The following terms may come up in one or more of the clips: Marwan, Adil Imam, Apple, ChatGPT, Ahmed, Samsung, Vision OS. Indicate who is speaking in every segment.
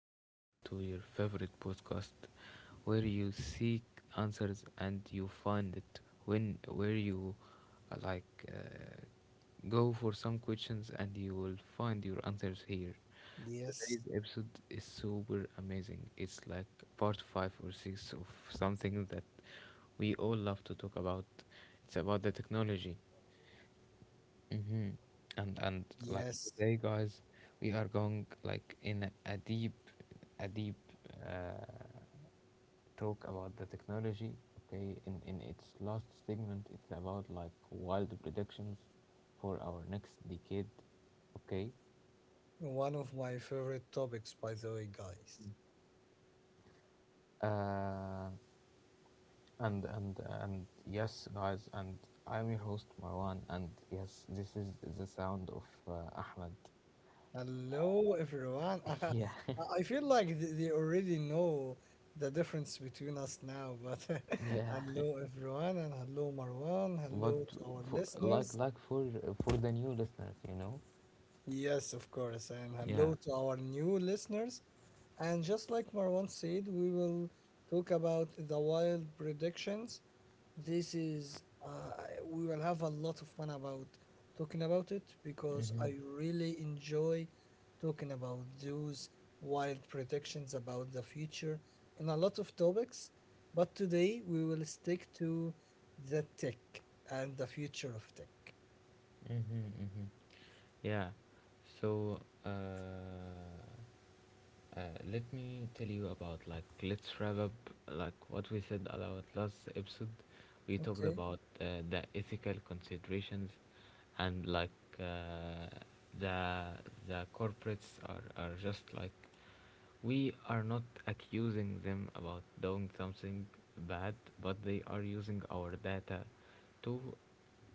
Speaker 1: welcome back to your favorite podcast where you seek answers and you find it when where you uh, like uh, go for some questions and you will find your answers here.
Speaker 2: Yes,
Speaker 1: Today's episode is super amazing. It's like part five or six of something that we all love to talk about. It's about the technology. Mm-hmm. And like
Speaker 2: yes.
Speaker 1: today, guys, we are going like in a deep, a deep uh, talk about the technology. Okay, in its last segment, it's about like wild predictions for our next decade. Okay,
Speaker 2: One of my favorite topics, by the way, guys.
Speaker 1: uh, and yes, guys, and I'm your host Marwan, and yes, this is the sound of uh, Ahmed.
Speaker 2: Hello, everyone. I,
Speaker 1: Yeah,
Speaker 2: I feel like they already know the difference between us now, but
Speaker 1: yeah.
Speaker 2: hello, everyone, and hello, Marwan.
Speaker 1: But
Speaker 2: Hello to our
Speaker 1: for
Speaker 2: listeners.
Speaker 1: like for the new listeners, you know.
Speaker 2: Yes, of course, and
Speaker 1: Yeah.
Speaker 2: hello to our new listeners. And just like Marwan said, we will talk about the wild predictions This is, uh, we will have a lot of fun about talking about it because
Speaker 1: Mm-hmm.
Speaker 2: I really enjoy talking about those wild predictions about the future and a lot of topics. But today we will stick to the tech and the future of tech.
Speaker 1: Mm-hmm. Mm-hmm. Yeah. So uh Uh, Let me tell you about let's wrap up like what we said about last episode. We talked
Speaker 2: Okay.
Speaker 1: about the ethical considerations, and like uh, the the corporates are just like we are not accusing them about doing something bad, but they are using our data to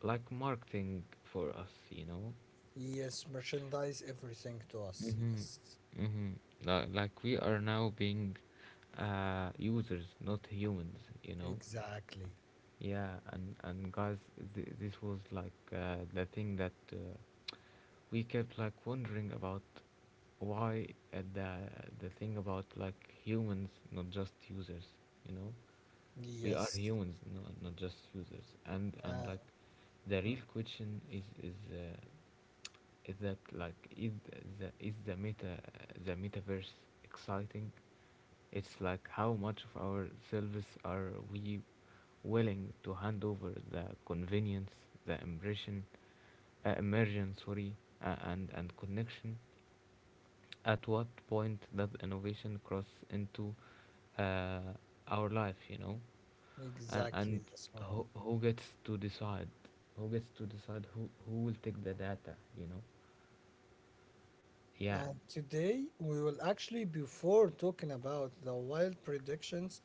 Speaker 1: like marketing for us.
Speaker 2: Yes, merchandise everything to us.
Speaker 1: Mm-hmm.
Speaker 2: Yes,
Speaker 1: Mm-hmm. Like we are now being users, not humans, you know?
Speaker 2: exactly.
Speaker 1: Yeah, and guys, this was like the thing that we kept like wondering about why uh, the, the thing about like humans, not just users, you know? We are
Speaker 2: Yes,
Speaker 1: humans, no, not just users. And
Speaker 2: uh,
Speaker 1: like the
Speaker 2: mm,
Speaker 1: real question is that is the meta the metaverse exciting. It's like how much of our selves are we willing to hand over the convenience, the immersion, immersion, sorry, and connection. At what point does innovation cross into uh, our life, you know? And
Speaker 2: exactly. Yes, Marwan.
Speaker 1: who gets to decide, who will take the data, you know? Yeah.
Speaker 2: And today we will actually, before talking about the wild predictions,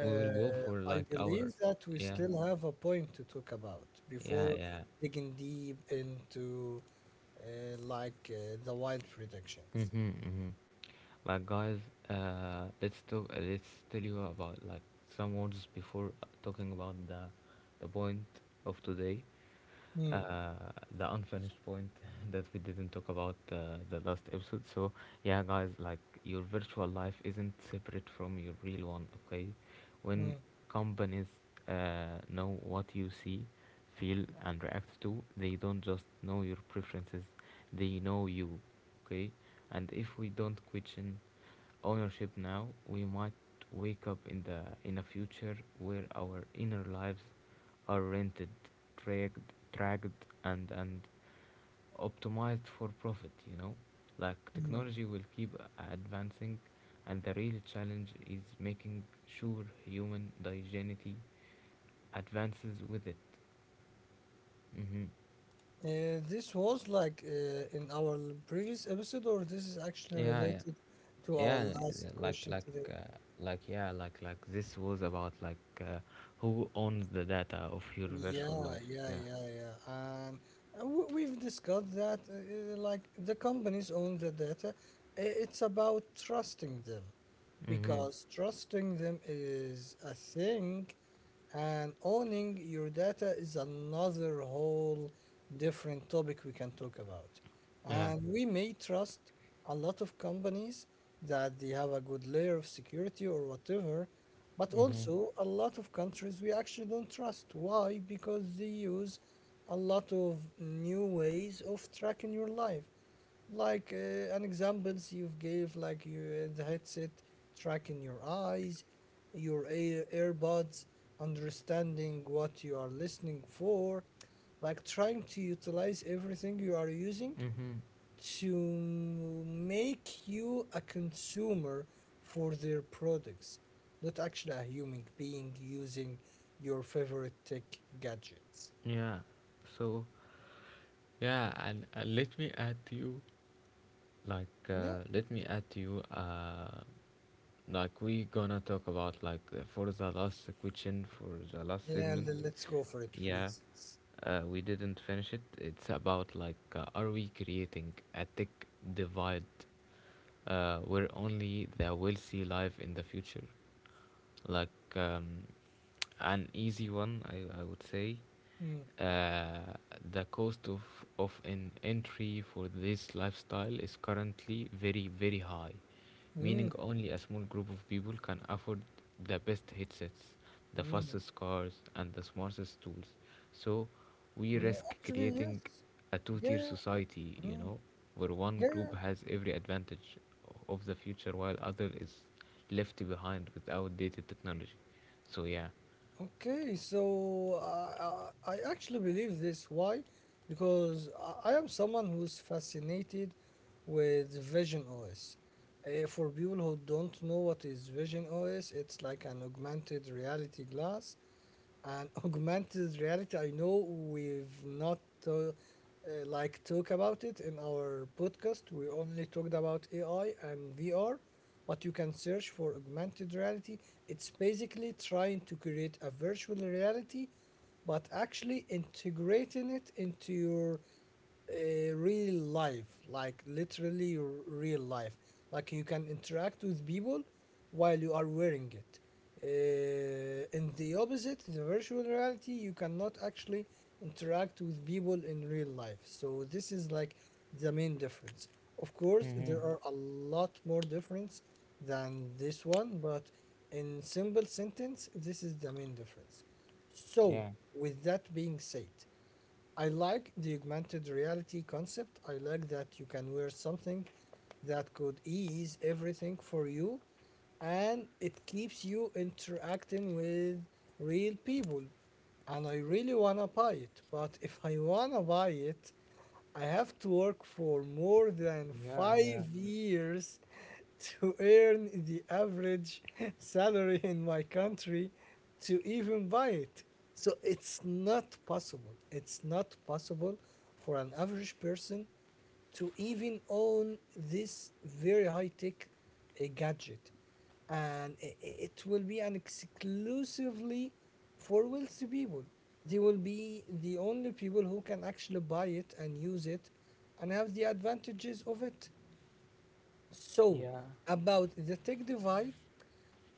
Speaker 1: We will go for
Speaker 2: I
Speaker 1: like our
Speaker 2: believe that we
Speaker 1: yeah
Speaker 2: still have a point to talk about
Speaker 1: yeah
Speaker 2: before
Speaker 1: yeah.
Speaker 2: digging deep into the wild predictions.
Speaker 1: Mm-hmm, mm-hmm. Like guys, let's talk let's tell you about like some words before talking about the point of today,
Speaker 2: Mm,
Speaker 1: uh the unfinished point that we didn't talk about the last episode. So yeah guys, like your virtual life isn't separate from your real one, okay.
Speaker 2: mm,
Speaker 1: When companies know what you see, feel, and react to, they don't just know your preferences, they know you. Okay? And if we don't question ownership now, we might wake up in a future where our inner lives are rented, tracked, and optimized for profit, you know? Like
Speaker 2: mm.
Speaker 1: technology will keep advancing, and the real challenge is making sure human dignity advances with it. Hmm.
Speaker 2: This was like in our previous episode, or this is actually
Speaker 1: Yeah, yeah,
Speaker 2: related to our
Speaker 1: yeah.
Speaker 2: last
Speaker 1: Like,
Speaker 2: question
Speaker 1: like,
Speaker 2: today.
Speaker 1: uh, like, yeah, like, like. this was about like who owns the data of your virtual
Speaker 2: Yeah,
Speaker 1: life.
Speaker 2: yeah,
Speaker 1: Yeah.
Speaker 2: yeah, yeah. And we've discussed that, like the companies own the data. It's about trusting them
Speaker 1: Mm-hmm.
Speaker 2: because trusting them is a thing and owning your data is another whole different topic we can talk about.
Speaker 1: Yeah.
Speaker 2: And we may trust a lot of companies that they have a good layer of security or whatever, but
Speaker 1: Mm-hmm.
Speaker 2: also a lot of countries we actually don't trust. Why? Because they use a lot of new ways of tracking your life like an examples you've gave like you the headset tracking your eyes your earbuds understanding what you are listening for, like trying to utilize everything you are using
Speaker 1: Mm-hmm.
Speaker 2: to make you a consumer for their products, not actually a human being using your favorite tech gadgets.
Speaker 1: Yeah. So yeah, and let me add to you like
Speaker 2: Yeah,
Speaker 1: let me add to you like we gonna talk about like for the last question, for the last
Speaker 2: yeah,
Speaker 1: segment.
Speaker 2: let's go for it
Speaker 1: Yeah,
Speaker 2: please.
Speaker 1: we didn't finish it. It's about like are we creating a tech divide where only the wealthy live in the future. Like an easy one, I would say
Speaker 2: Mm,
Speaker 1: uh, the cost of an entry for this lifestyle is currently very very high,
Speaker 2: mm,
Speaker 1: meaning only a small group of people can afford the best headsets, the
Speaker 2: mm.
Speaker 1: fastest cars, and the smartest tools. So we
Speaker 2: Yeah,
Speaker 1: risk
Speaker 2: actually, yes.
Speaker 1: creating a two-tier
Speaker 2: Yeah.
Speaker 1: society, you
Speaker 2: mm,
Speaker 1: know, where one
Speaker 2: Yeah.
Speaker 1: group has every advantage of the future while other is left behind with outdated technology. So yeah.
Speaker 2: Okay. So I actually believe this. Why? Because I am someone who's fascinated with Vision OS. For people who don't know what is Vision OS, it's like an augmented reality glass, and augmented reality, I know we've not uh, uh, talk about it in our podcast. We only talked about AI and VR, but you can search for augmented reality. It's basically trying to create a virtual reality, but actually integrating it into your real life, like literally real life. Like you can interact with people while you are wearing it. In the opposite, the virtual reality, you cannot actually interact with people in real life. So this is like the main difference. Of course,
Speaker 1: Mm-hmm.
Speaker 2: there are a lot more difference than this one, but in simple sentence this is the main difference. So
Speaker 1: Yeah.
Speaker 2: with that being said, I like the augmented reality concept. I like that you can wear something that could ease everything for you and it keeps you interacting with real people. And I really wanna buy it, but if I wanna buy it, I have to work for more than
Speaker 1: Yeah. Yeah.
Speaker 2: 5 years to earn the average salary in my country to even buy it. So it's not possible. It's not possible for an average person to even own this very high tech gadget. And it will be an exclusively for wealthy people. They will be the only people who can actually buy it and use it and have the advantages of it. So,
Speaker 1: Yeah.
Speaker 2: about the tech divide,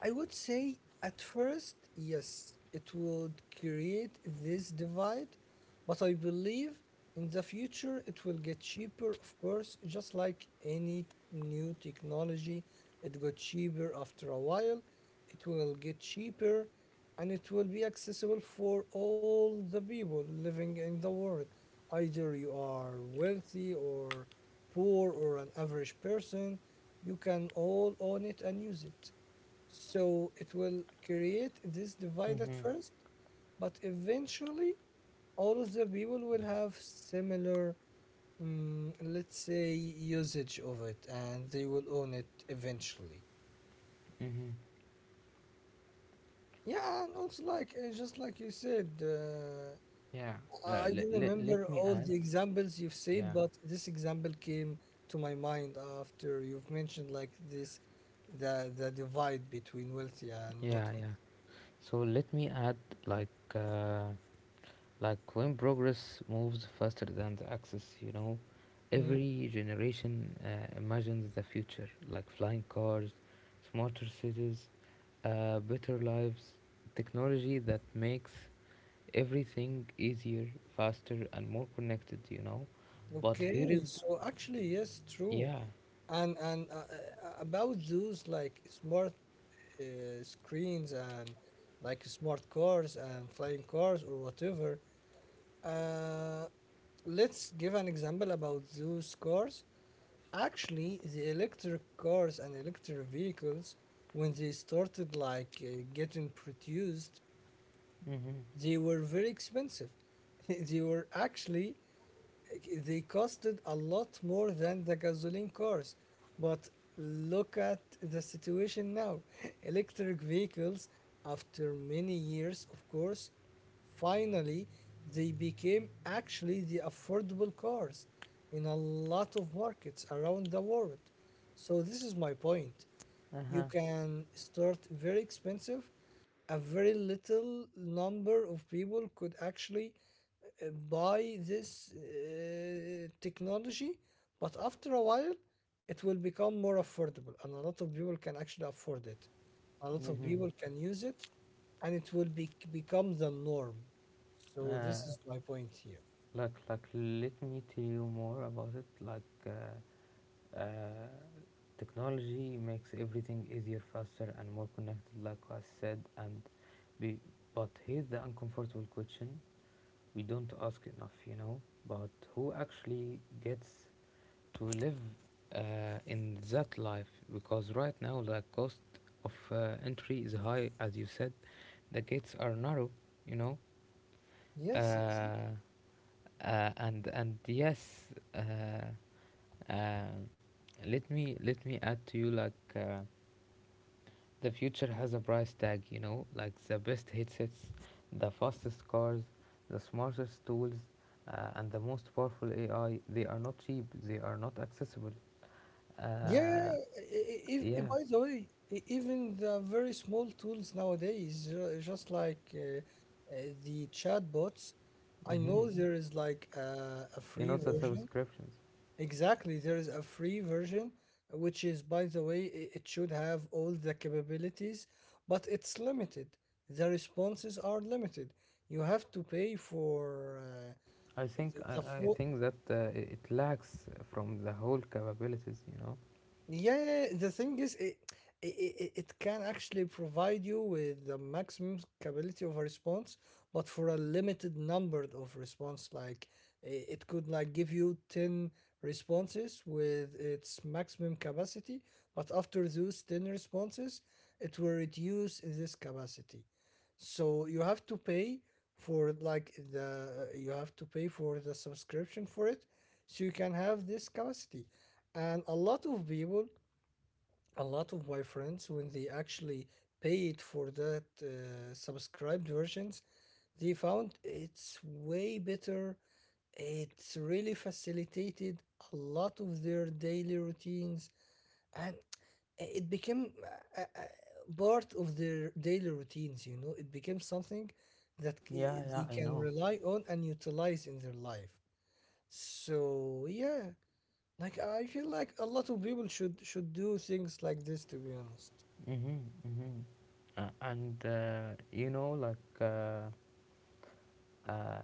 Speaker 2: I would say at first, yes, it would create this divide, but I believe in the future it will get cheaper, of course, just like any new technology. It got cheaper after a while, it will get cheaper, and it will be accessible for all the people living in the world. Either you are wealthy or poor or an average person, you can all own it and use it. So it will create this divide at
Speaker 1: Mm-hmm.
Speaker 2: first, but eventually all of the people will have similar, let's say, usage of it and they will own it eventually.
Speaker 1: Mm-hmm.
Speaker 2: Yeah, and also, like, just like you said, uh,
Speaker 1: Yeah.
Speaker 2: I I don't remember
Speaker 1: Let me
Speaker 2: all
Speaker 1: add.
Speaker 2: the examples you've said,
Speaker 1: Yeah.
Speaker 2: but this example came to my mind after you've mentioned, like, this the divide between wealthy and not
Speaker 1: Yeah. Yeah. So let me add like uh, like when progress moves faster than the axis, you know,
Speaker 2: wealthy.
Speaker 1: every generation imagines the future like flying cars, smarter cities, better lives, technology that makes everything easier, faster, and more connected, you know. But here
Speaker 2: Okay,
Speaker 1: is,
Speaker 2: so actually, yes, true.
Speaker 1: yeah.
Speaker 2: And and about those like smart screens and like smart cars and flying cars or whatever. Uh, let's give an example about those cars. Actually, the electric cars and electric vehicles, when they started like getting produced,
Speaker 1: Mm-hmm.
Speaker 2: they were very expensive. They were actually they costed a lot more than the gasoline cars. But look at the situation now. Electric vehicles, after many years, of course, finally they became actually the affordable cars in a lot of markets around the world. So, this is my point. You
Speaker 1: Uh-huh.
Speaker 2: can start very expensive, a very little number of people could actually buy this technology, but after a while it will become more affordable and a lot of people can actually afford it, a lot of
Speaker 1: Mm-hmm.
Speaker 2: people can use it, and it will be, become the norm. So
Speaker 1: Uh,
Speaker 2: this is my point here.
Speaker 1: Let me tell you more about it. Like, uh, technology makes everything easier, faster, and more connected, like I said. We, but here's the uncomfortable question we don't ask enough, you know, but who actually gets to live uh, in that life, because right now the cost of entry is high, as you said. The gates are narrow, you know. uh,
Speaker 2: Yes, it's
Speaker 1: and yes, uh, uh, let me add to you the future has a price tag, you know, like the best headsets, the fastest cars, the smartest tools, and the most powerful AI. They are not cheap, they are not accessible.
Speaker 2: Yeah,
Speaker 1: uh,
Speaker 2: i- if,
Speaker 1: yeah.
Speaker 2: by the way, even the very small tools nowadays, just like the chatbots, I
Speaker 1: Hmm.
Speaker 2: know there is like a
Speaker 1: You know,
Speaker 2: free
Speaker 1: the
Speaker 2: version.
Speaker 1: subscriptions.
Speaker 2: Exactly, there is a free version, which is, by the way, it should have all the capabilities, but it's limited. The responses are limited. You have to pay for uh,
Speaker 1: I think I,
Speaker 2: the
Speaker 1: I
Speaker 2: full
Speaker 1: think that it lacks from the whole capabilities. You know.
Speaker 2: Yeah, yeah, the thing is, it can actually provide you with the maximum capability of a response, but for a limited number of response. Like it could like give you 10 responses with its maximum capacity, but after those 10 responses, it will reduce in this capacity. So you have to pay for like the you have to pay for the subscription for it, so you can have this capacity. And a lot of people, a lot of my friends, when they actually paid for that subscribed versions, they found it's way better. It's really facilitated a lot of their daily routines, and it became uh, uh, part of their daily routines. You know, it became something that
Speaker 1: Yeah,
Speaker 2: they
Speaker 1: yeah, I
Speaker 2: can
Speaker 1: know.
Speaker 2: rely on and utilize in their life. So yeah, like I feel like a lot of people should do things like this, to be honest.
Speaker 1: Mm-hmm, mm-hmm. And You know, like uh,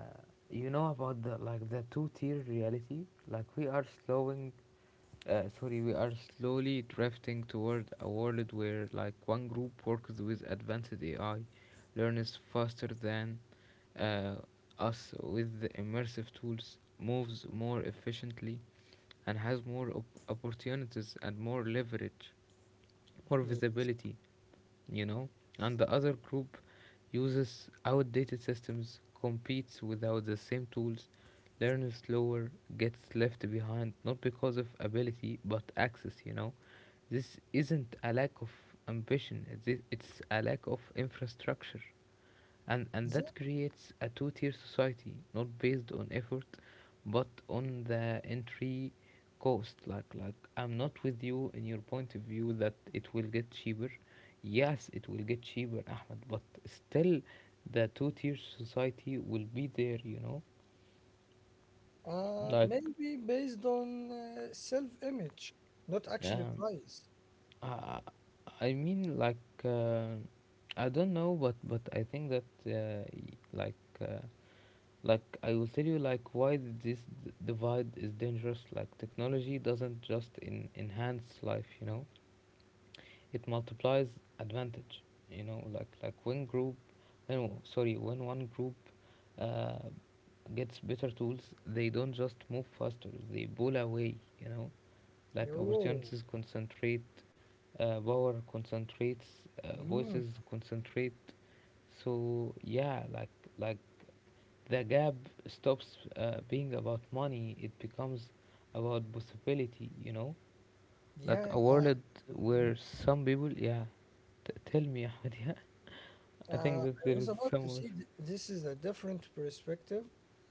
Speaker 1: you know about the two-tier reality. We are slowly drifting toward a world where, like, one group works with advanced AI, learns faster than uh, us with the immersive tools, moves more efficiently, and has more opportunities and more leverage or
Speaker 2: Yeah.
Speaker 1: visibility, you know, and the other group uses outdated systems, competes without the same tools, learns slower, gets left behind not because of ability but access, you know. This isn't a lack of ambition, it's a lack of infrastructure, and
Speaker 2: Is it?
Speaker 1: that creates a two-tier society not based on effort but on the entry cost. Like I'm not with you in your point of view that it will get cheaper. Yes, it will get cheaper, Ahmed, but still the two-tier society will be there, you know. Like
Speaker 2: Maybe based on self-image, not actually
Speaker 1: uh,
Speaker 2: price.
Speaker 1: I, I mean like uh, I don't know, but I think that uh, like I will tell you like why this divide is dangerous. Like technology doesn't just enhance life, you know, it multiplies advantage, you know. Like when group no, sorry When one group uh, gets better tools, they don't just move faster, they pull away, you know. Like
Speaker 2: Oh,
Speaker 1: opportunities concentrate, power concentrates,
Speaker 2: mm,
Speaker 1: voices concentrate. So yeah, like the gap stops being about money, it becomes about possibility, you know, like
Speaker 2: yeah.
Speaker 1: a
Speaker 2: Um,
Speaker 1: world where some people yeah. Tell me, Ahmed, yeah. I
Speaker 2: uh,
Speaker 1: think that
Speaker 2: I
Speaker 1: there
Speaker 2: was
Speaker 1: is
Speaker 2: about to
Speaker 1: somewhere
Speaker 2: say this is a different perspective.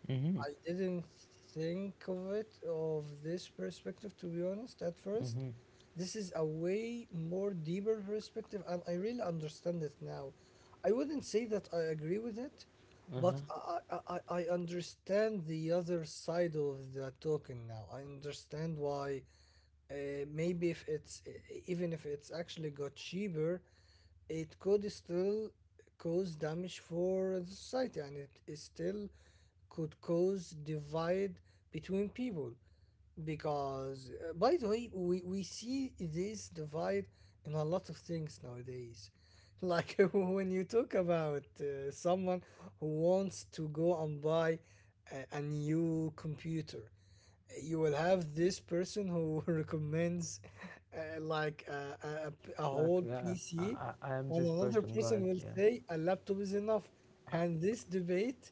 Speaker 1: mm-hmm,
Speaker 2: I didn't think of it of this perspective, to be honest, at first.
Speaker 1: mm-hmm.
Speaker 2: This is a way more deeper perspective and I really understand it now. I wouldn't say that I agree with it, but I understand the other side of the token now. I understand why maybe if it's even if it's actually got cheaper, it could still cause damage for the society, and is still could cause divide between people. Because by the way we see this divide in a lot of things nowadays like when you talk about someone who wants to go and buy a new computer, you will have this person who recommends a a
Speaker 1: Like
Speaker 2: whole
Speaker 1: yeah, I,
Speaker 2: PC,
Speaker 1: I am
Speaker 2: and
Speaker 1: this
Speaker 2: another
Speaker 1: person,
Speaker 2: person
Speaker 1: guys,
Speaker 2: will
Speaker 1: yeah.
Speaker 2: say a laptop is enough. And this debate,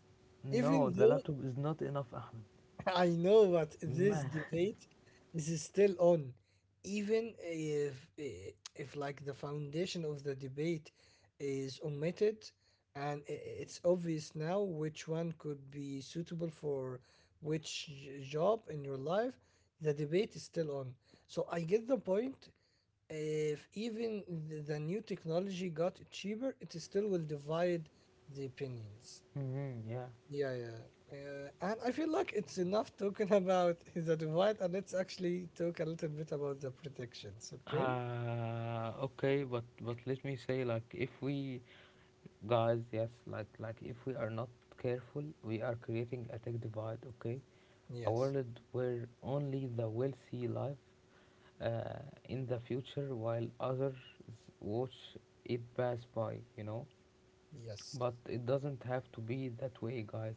Speaker 1: No,
Speaker 2: even
Speaker 1: the
Speaker 2: though
Speaker 1: laptop is not enough, Ahmed,
Speaker 2: I know, but this
Speaker 1: man.
Speaker 2: debate is still on. Even if if like the foundation of the debate is omitted, and it's obvious now which one could be suitable for which job in your life, the debate is still on. So I get the point. If even the new technology got cheaper, it still will divide the opinions.
Speaker 1: Mm-hmm, yeah.
Speaker 2: Yeah, yeah. And I feel like it's enough talking about the divide, and let's actually talk a little bit about the protections, okay?
Speaker 1: Okay, but let me say like if we guys, yes, like if we are not careful, we are creating a tech divide, okay, a
Speaker 2: Yes,
Speaker 1: world where only the wealthy live uh, in the future while others watch it pass by, you know.
Speaker 2: yes.
Speaker 1: But it doesn't have to be that way, guys.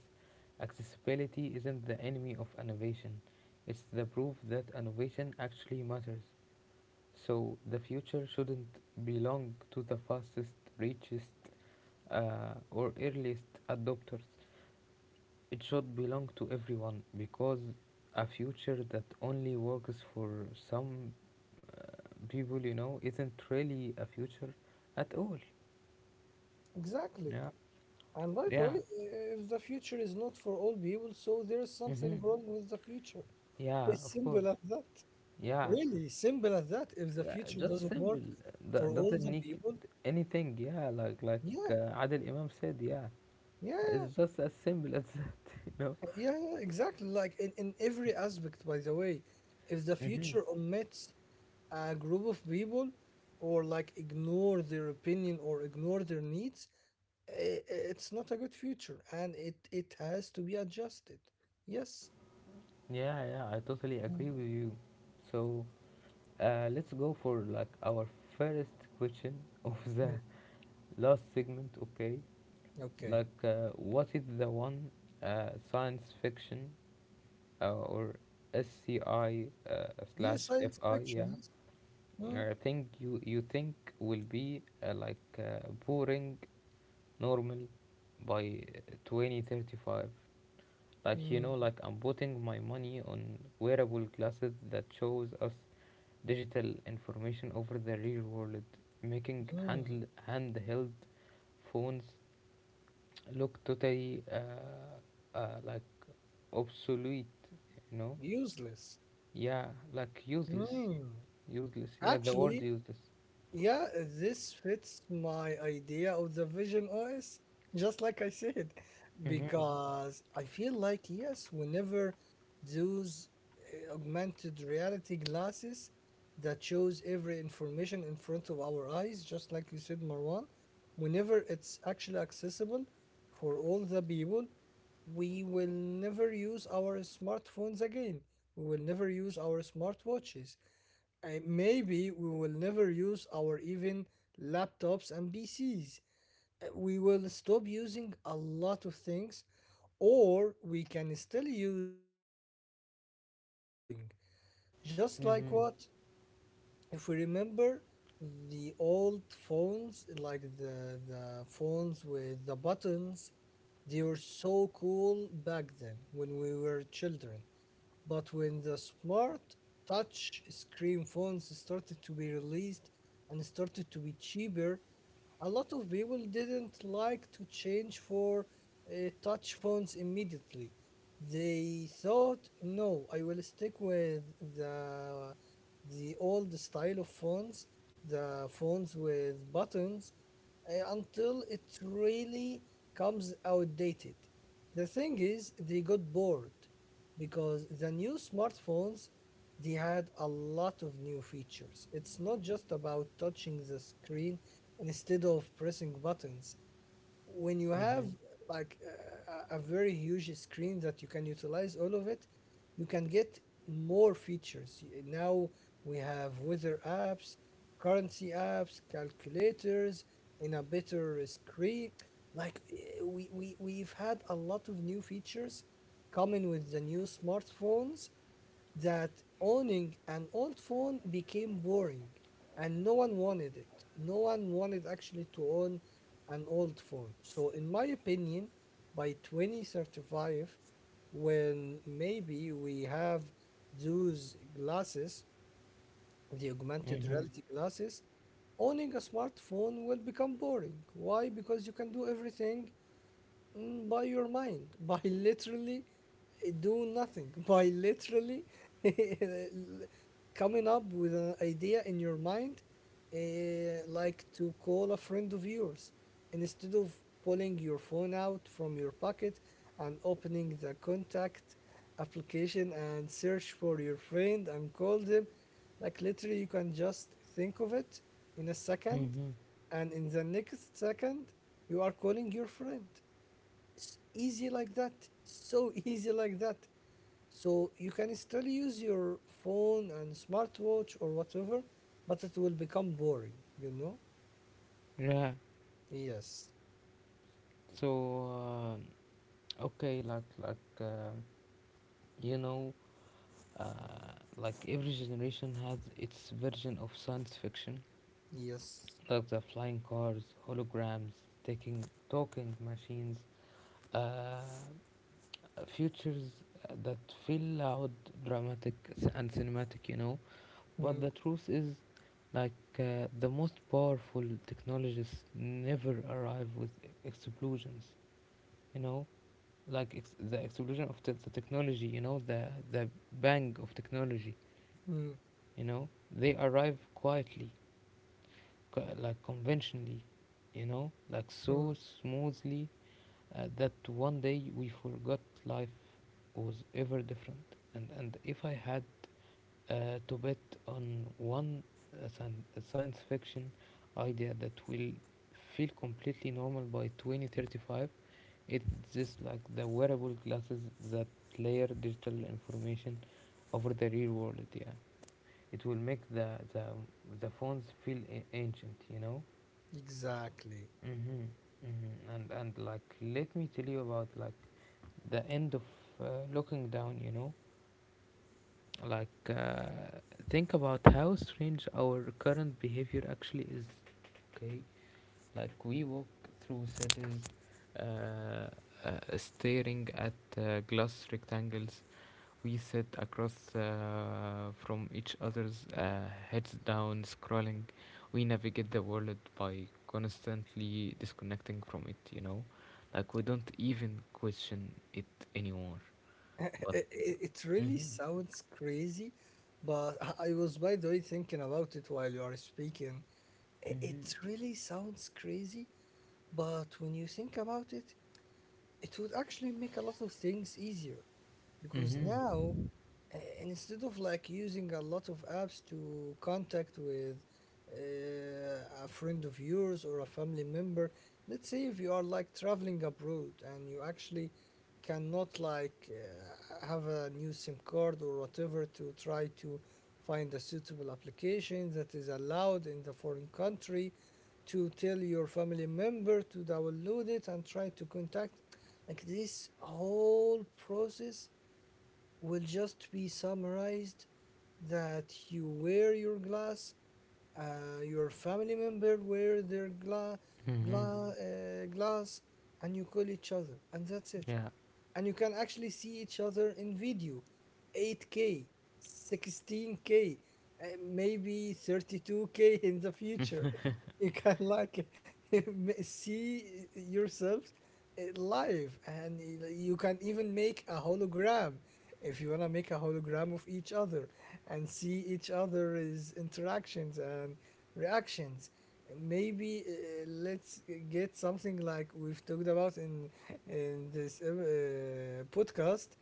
Speaker 1: Accessibility isn't the enemy of innovation, it's the proof that innovation actually matters. So the future shouldn't belong to the fastest, richest, or earliest adopters. It should belong to everyone, because a future that only works for some people, you know, isn't really a future at all.
Speaker 2: Exactly.
Speaker 1: Yeah,
Speaker 2: And by the way,
Speaker 1: yeah,
Speaker 2: if the future is not for all people, so there's something
Speaker 1: hmm,
Speaker 2: wrong with the future.
Speaker 1: yeah,
Speaker 2: It's
Speaker 1: of course,
Speaker 2: simple as that.
Speaker 1: yeah.
Speaker 2: Really, simple as that. If the future
Speaker 1: Just
Speaker 2: doesn't work
Speaker 1: simple.
Speaker 2: for
Speaker 1: That
Speaker 2: all
Speaker 1: doesn't
Speaker 2: the
Speaker 1: need
Speaker 2: people,
Speaker 1: anything. Yeah, like
Speaker 2: yeah,
Speaker 1: Adil Imam said. Yeah,
Speaker 2: yeah. yeah.
Speaker 1: it's just as simple as that. You know.
Speaker 2: Yeah, exactly. Like in every aspect, by the way, if the
Speaker 1: Hmm.
Speaker 2: future omits a group of people or like ignore their opinion or ignore their needs, i- it's not a good future and it has to be adjusted. Yes.
Speaker 1: Yeah, yeah. I totally agree
Speaker 2: Mm,
Speaker 1: with you. So, let's go for like our first question of the
Speaker 2: mm,
Speaker 1: last segment. Okay.
Speaker 2: Okay.
Speaker 1: Like, what is the one science fiction or SCI
Speaker 2: Yes,
Speaker 1: slash FI?
Speaker 2: satisfaction.
Speaker 1: Yeah,
Speaker 2: Yes. Mm,
Speaker 1: thing you think will be boring, normal by 2035. Like you
Speaker 2: mm,
Speaker 1: know, like I'm putting my money on wearable glasses that shows us digital information over the real world, making
Speaker 2: mm.
Speaker 1: handle handheld phones look totally obsolete, you know.
Speaker 2: Useless.
Speaker 1: Yeah, like
Speaker 2: Mm.
Speaker 1: useless yeah, the word
Speaker 2: Actually,
Speaker 1: useless.
Speaker 2: yeah, this fits my idea of the Vision OS, just like I said.
Speaker 1: Mhm.
Speaker 2: Because I feel like, yes, whenever those augmented reality glasses that shows every information in front of our eyes, just like you said, Marwan, whenever it's actually accessible for all the people, we will never use our smartphones again. We will never use our smartwatches. Maybe we will never use our even laptops and PCs. We will stop using a lot of things, or we can still use them, but they will become boring. Just like
Speaker 1: Mhm.
Speaker 2: what? If we remember the old phones, like the phones with the buttons, they were so cool back then when we were children. But when the smart touch screen phones started to be released and started to be cheaper, a lot of people didn't like to change for touch phones immediately. They thought, no, I will stick with the old style of phones, the phones with buttons, until it really comes outdated. The thing is, they got bored because the new smartphones, they had a lot of new features. It's not just about touching the screen instead of pressing buttons. When you have
Speaker 1: Mhm.
Speaker 2: like a very huge screen that you can utilize all of it, you can get more features. Now we have weather apps, currency apps, calculators in a better screen. Like we've had a lot of new features coming with the new smartphones, that owning an old phone became boring and no one wanted it. No one wanted actually to own an old phone. So, in my opinion, by 2035, when maybe we have those glasses, the augmented
Speaker 1: Mhm.
Speaker 2: reality glasses, owning a smartphone will become boring. Why? Because you can do everything, by your mind, by literally do nothing, by literally coming up with an idea in your mind, like to call a friend of yours, and instead of pulling your phone out from your pocket and opening the contact application and search for your friend and call them, like literally you can just think of it in a second,
Speaker 1: Mhm.
Speaker 2: and in the next second you are calling your friend. Easy like that, so easy like that. So you can still use your phone and smartwatch or whatever, but it will become boring, you know?
Speaker 1: Yeah.
Speaker 2: Yes,
Speaker 1: So um okay, like you know, like every generation has its version of science fiction,
Speaker 2: yes.
Speaker 1: like the flying cars, holograms, taking talking machines, uh, futures that feel loud, dramatic, and cinematic, you know. But
Speaker 2: Mm,
Speaker 1: the truth is, like the most powerful technologies never arrive with explosions. You know, the explosion of the technology. You know, the bang of technology.
Speaker 2: mm,
Speaker 1: You know, they arrive quietly, like conventionally. You know, like so
Speaker 2: mm.
Speaker 1: smoothly that one day we forgot life was ever different. And if I had to bet on one uh, science fiction idea that will feel completely normal by 2035, it's just like the wearable glasses that layer digital information over the real world. Yeah, it will make the phones feel ancient, you know.
Speaker 2: Exactly.
Speaker 1: Mm-hmm, mm-hmm. And like let me tell you about like the end of uh, looking down. Like, think about how strange our current behavior actually is. Okay, like we walk through cities, uh, staring at glass rectangles. We sit across from each other's, heads down, scrolling. We navigate the world by constantly disconnecting from it. Like we don't even question it anymore. But.
Speaker 2: It really
Speaker 1: Mhm.
Speaker 2: sounds crazy, but I was, by the way, thinking about it while you are speaking. I- it
Speaker 1: Mhm.
Speaker 2: really sounds crazy, but when you think about it, it would actually make a lot of things easier, because
Speaker 1: Mhm.
Speaker 2: now, instead of like using a lot of apps to contact with a friend of yours or a family member, let's say if you are like traveling abroad and you actually cannot like have a new sim card or whatever, to try to find a suitable application that is allowed in the foreign country, to tell your family member to download it and try to contact, like this whole process will just be summarized, that you wear your glass, your family member wear their
Speaker 1: Mm-hmm.
Speaker 2: glass, and you call each other, and that's it.
Speaker 1: Yeah.
Speaker 2: And you can actually see each other in video 8K, 16K, maybe 32K in the future. You can like see yourselves live, and you can even make a hologram, if you want to make a hologram of each other and see each other's interactions and reactions. Maybe let's get something like we've talked about in this podcast,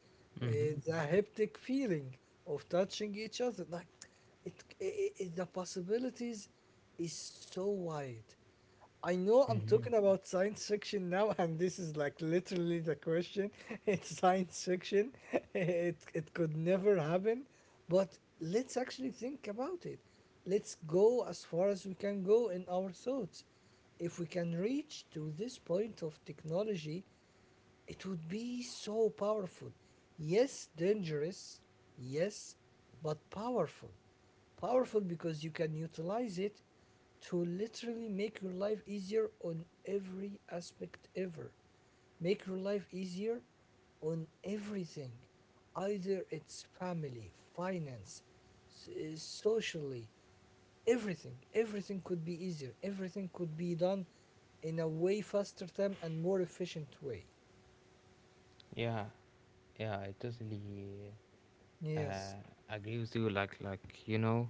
Speaker 1: Mm-hmm.
Speaker 2: the haptic feeling of touching each other. Like it, the possibilities is so wide. I know I'm
Speaker 1: Mm-hmm.
Speaker 2: talking about science fiction now, and this is like literally the question. It's science fiction. It could never happen. But let's actually think about it. Let's go as far as we can go in our thoughts. If we can reach to this point of technology, it would be so powerful. Yes, dangerous. Yes, but powerful. Powerful because you can utilize it to literally make your life easier on every aspect ever. Make your life easier on everything. Either it's family, finance, socially, everything. Everything could be easier. Everything could be done in a way faster time and more efficient way.
Speaker 1: Yeah, yeah, I totally
Speaker 2: Yes.
Speaker 1: uh, agree with you. Like, you know,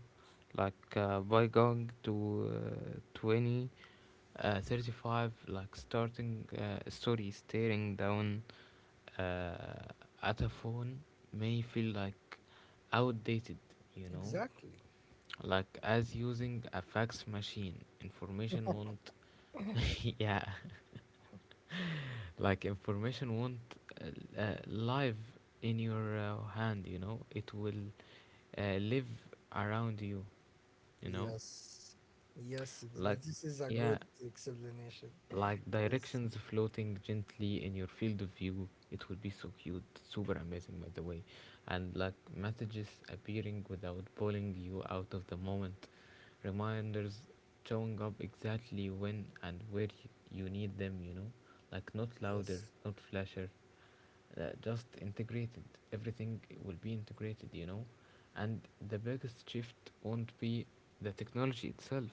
Speaker 1: like by going to 20, 35, like starting story staring down uh, at a phone may feel like outdated, you know,
Speaker 2: Exactly.
Speaker 1: like as using a fax machine. Information won't, yeah, like information won't, live in your, hand, you know it will, live around you, you know,
Speaker 2: Yes. Yes.
Speaker 1: like
Speaker 2: This is a
Speaker 1: yeah,
Speaker 2: good explanation.
Speaker 1: like
Speaker 2: Yes.
Speaker 1: directions floating gently in your field of view. It will be so cute, super amazing by the way. And like messages appearing without pulling you out of the moment, reminders showing up exactly when and where you need them, you know, like not louder,
Speaker 2: Yes.
Speaker 1: not flasher, just integrated. Everything will be integrated, you know. And the biggest shift won't be the technology itself.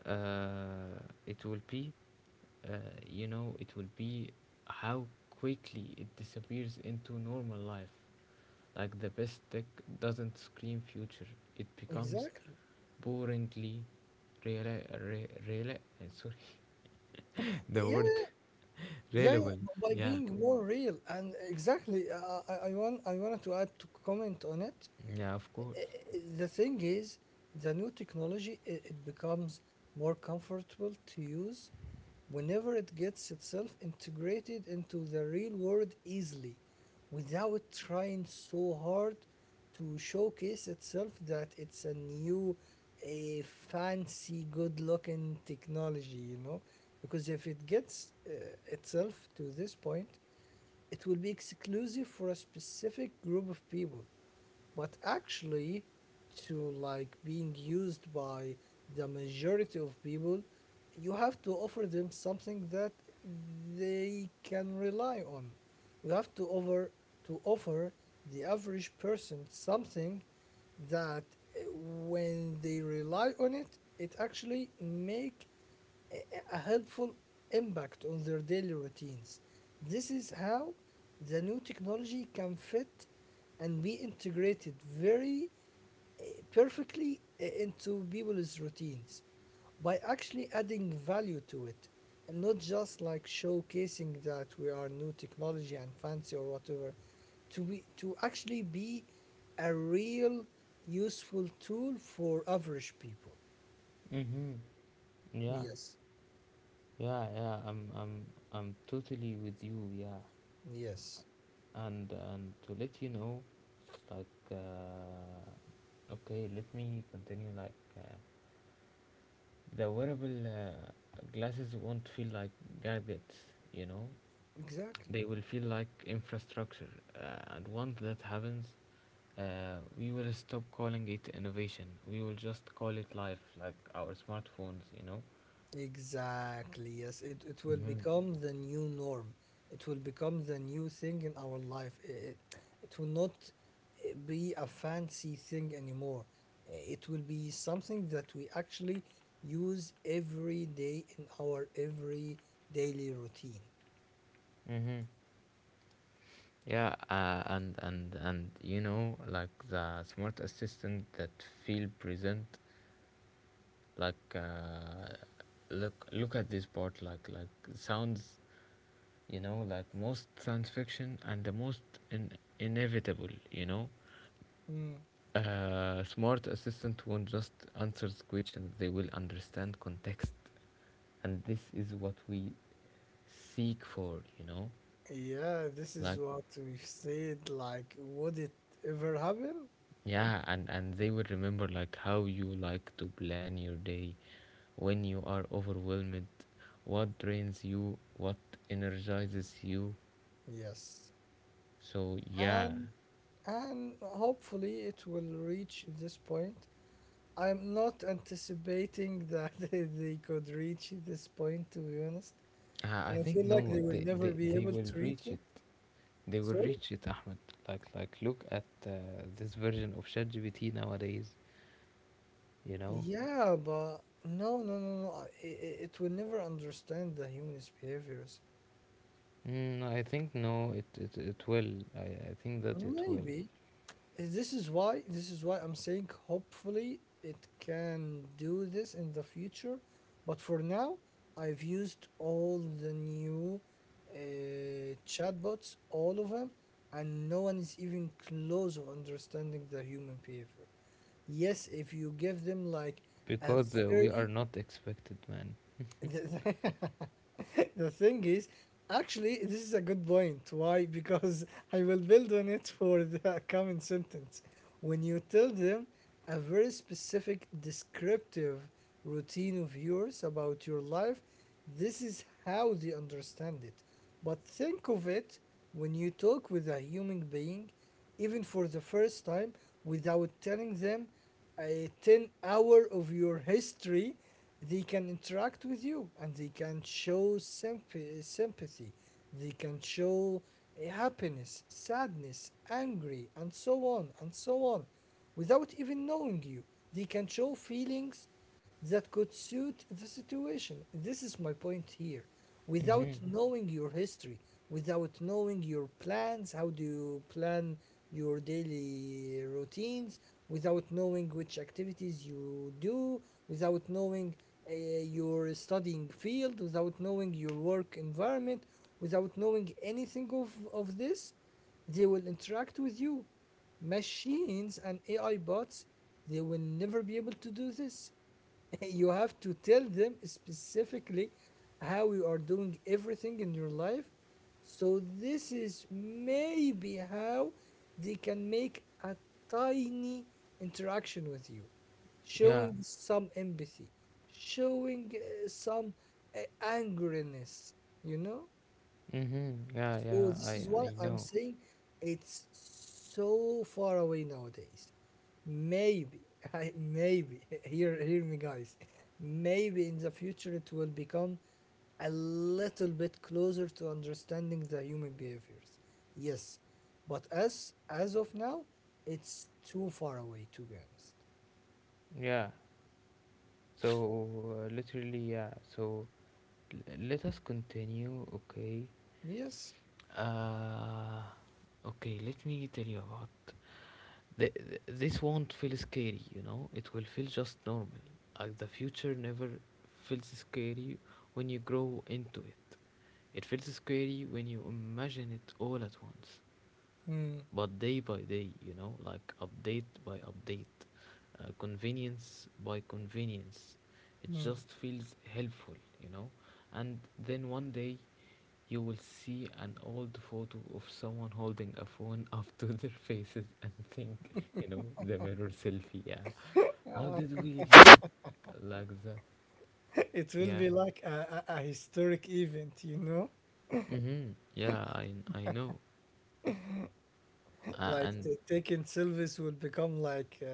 Speaker 1: uh, it will be, uh, you know it will be how quickly it disappears into normal life. Like the best tech doesn't scream future. It becomes
Speaker 2: Exactly.
Speaker 1: boringly rela- re- rela- sorry the
Speaker 2: Yeah.
Speaker 1: word
Speaker 2: Yeah, yeah.
Speaker 1: reliable.
Speaker 2: By
Speaker 1: Yeah,
Speaker 2: being more real, and exactly, I wanted to add, to comment on it.
Speaker 1: yeah, of course.
Speaker 2: The thing is, the new technology, it becomes more comfortable to use whenever it gets itself integrated into the real world easily, without trying so hard to showcase itself that it's a new, a fancy good looking technology, you know? Because if it gets itself to this point, it will be exclusive for a specific group of people. But actually, to like being used by the majority of people, you have to offer them something that they can rely on. You have to over to offer the average person something that, when they rely on it, it actually make a helpful impact on their daily routines. This is how the new technology can fit and be integrated very uh, perfectly into people's routines, by actually adding value to it, and not just like showcasing that we are new technology and fancy or whatever. To be to actually be a real useful tool for average people.
Speaker 1: Mm-hmm. Yeah.
Speaker 2: Yes,
Speaker 1: Yeah, yeah, I'm totally with you. Yeah,
Speaker 2: yes.
Speaker 1: and to let you know, like, uh, okay, let me continue. Like, the wearable, glasses won't feel like gadgets. You know,
Speaker 2: Exactly.
Speaker 1: they will feel like infrastructure. And once that happens, we will stop calling it innovation. We will just call it life, like our smartphones. You know.
Speaker 2: Exactly. Yes, it will
Speaker 1: Mm-hmm.
Speaker 2: become the new norm. It will become the new thing in our life. I- It will not be a fancy thing anymore. It will be something that we actually use every day in our every daily routine.
Speaker 1: Mm-hmm. Yeah, and you know, like the smart assistant that feel present, like, look at this part, like sounds, you know, like most science fiction and the most in- inevitable, you know.
Speaker 2: Hmm.
Speaker 1: Smart assistant won't just answer questions; they will understand context, and this is what we seek for, you know.
Speaker 2: Yeah, this is
Speaker 1: Like,
Speaker 2: what we've said. Like, would it ever happen?
Speaker 1: yeah, and they will remember like how you like to plan your day when you are overwhelmed, what drains you, what energizes you.
Speaker 2: Yes.
Speaker 1: So yeah,
Speaker 2: And and hopefully it will reach this point. I'm not anticipating that they could reach this point, to be honest.
Speaker 1: I
Speaker 2: And
Speaker 1: I
Speaker 2: I
Speaker 1: think
Speaker 2: feel like they
Speaker 1: no,
Speaker 2: will
Speaker 1: they,
Speaker 2: never
Speaker 1: they,
Speaker 2: be
Speaker 1: they
Speaker 2: able
Speaker 1: will
Speaker 2: to reach
Speaker 1: reach
Speaker 2: it.
Speaker 1: it. They will
Speaker 2: Sorry?
Speaker 1: reach it, Ahmed. Like look at, this version of ChatGPT nowadays. You know,
Speaker 2: Yeah, but no, no, no, no. It will never understand the human's behaviors.
Speaker 1: mm, I think no, it will. I think that it will
Speaker 2: Maybe. This is why I'm saying hopefully it can do this in the future, but for now, I've used all the new chatbots, all of them, and no one is even close of understanding the human behavior. Yes, if you give them like a
Speaker 1: because, we are
Speaker 2: very
Speaker 1: not expected, man.
Speaker 2: the the thing is, actually, this is a good point. Why? Because I will build on it for the coming sentence. When you tell them a very specific descriptive routine of yours about your life, this is how they understand it. But think of it, when you talk with a human being, even for the first time, without telling them a 10 hour of your history, they can interact with you, and they can show sympathy, sympathy. They can show happiness, sadness, angry, and so on and so on, without even knowing you. They can show feelings that could suit the situation. This is my point here: without
Speaker 1: Mm-hmm.
Speaker 2: knowing your history, without knowing your plans, how do you plan your daily routines, without knowing which activities you do, without knowing your studying field, without knowing your work environment, without knowing anything of this, they will interact with you. Machines and AI bots, they will never be able to do this. You have to tell them specifically how you are doing everything in your life. So this is maybe how they can make a tiny interaction with you,
Speaker 1: Yeah.
Speaker 2: showing some empathy, showing some angerness, you know?
Speaker 1: Mm-hmm. Yeah,
Speaker 2: So
Speaker 1: yeah,
Speaker 2: this is why
Speaker 1: I
Speaker 2: I'm
Speaker 1: know.
Speaker 2: saying it's so far away nowadays. Maybe, I, maybe, hear me guys, maybe in the future it will become a little bit closer to understanding the human behaviors. Yes, but as of now, it's too far away, to be honest.
Speaker 1: Yeah. So, literally, yeah. So let us continue, okay?
Speaker 2: Yes.
Speaker 1: Uh, okay. Let me tell you about the, this. Won't feel scary, you know. It will feel just normal. Like the future never feels scary when you grow into it. It feels scary when you imagine it all at once.
Speaker 2: Hmm.
Speaker 1: But day by day, you know, like update by update, convenience by convenience. It
Speaker 2: Hmm.
Speaker 1: just feels helpful, you know. And then one day you will see an old photo of someone holding a phone up to their faces and think, you know, the mirror selfie. Yeah, how did we live like that?
Speaker 2: It will
Speaker 1: Yeah.
Speaker 2: be like a historic event, you know?
Speaker 1: Mm-hmm. Yeah, I know.
Speaker 2: Like
Speaker 1: And
Speaker 2: taking Sylvis will become like uh,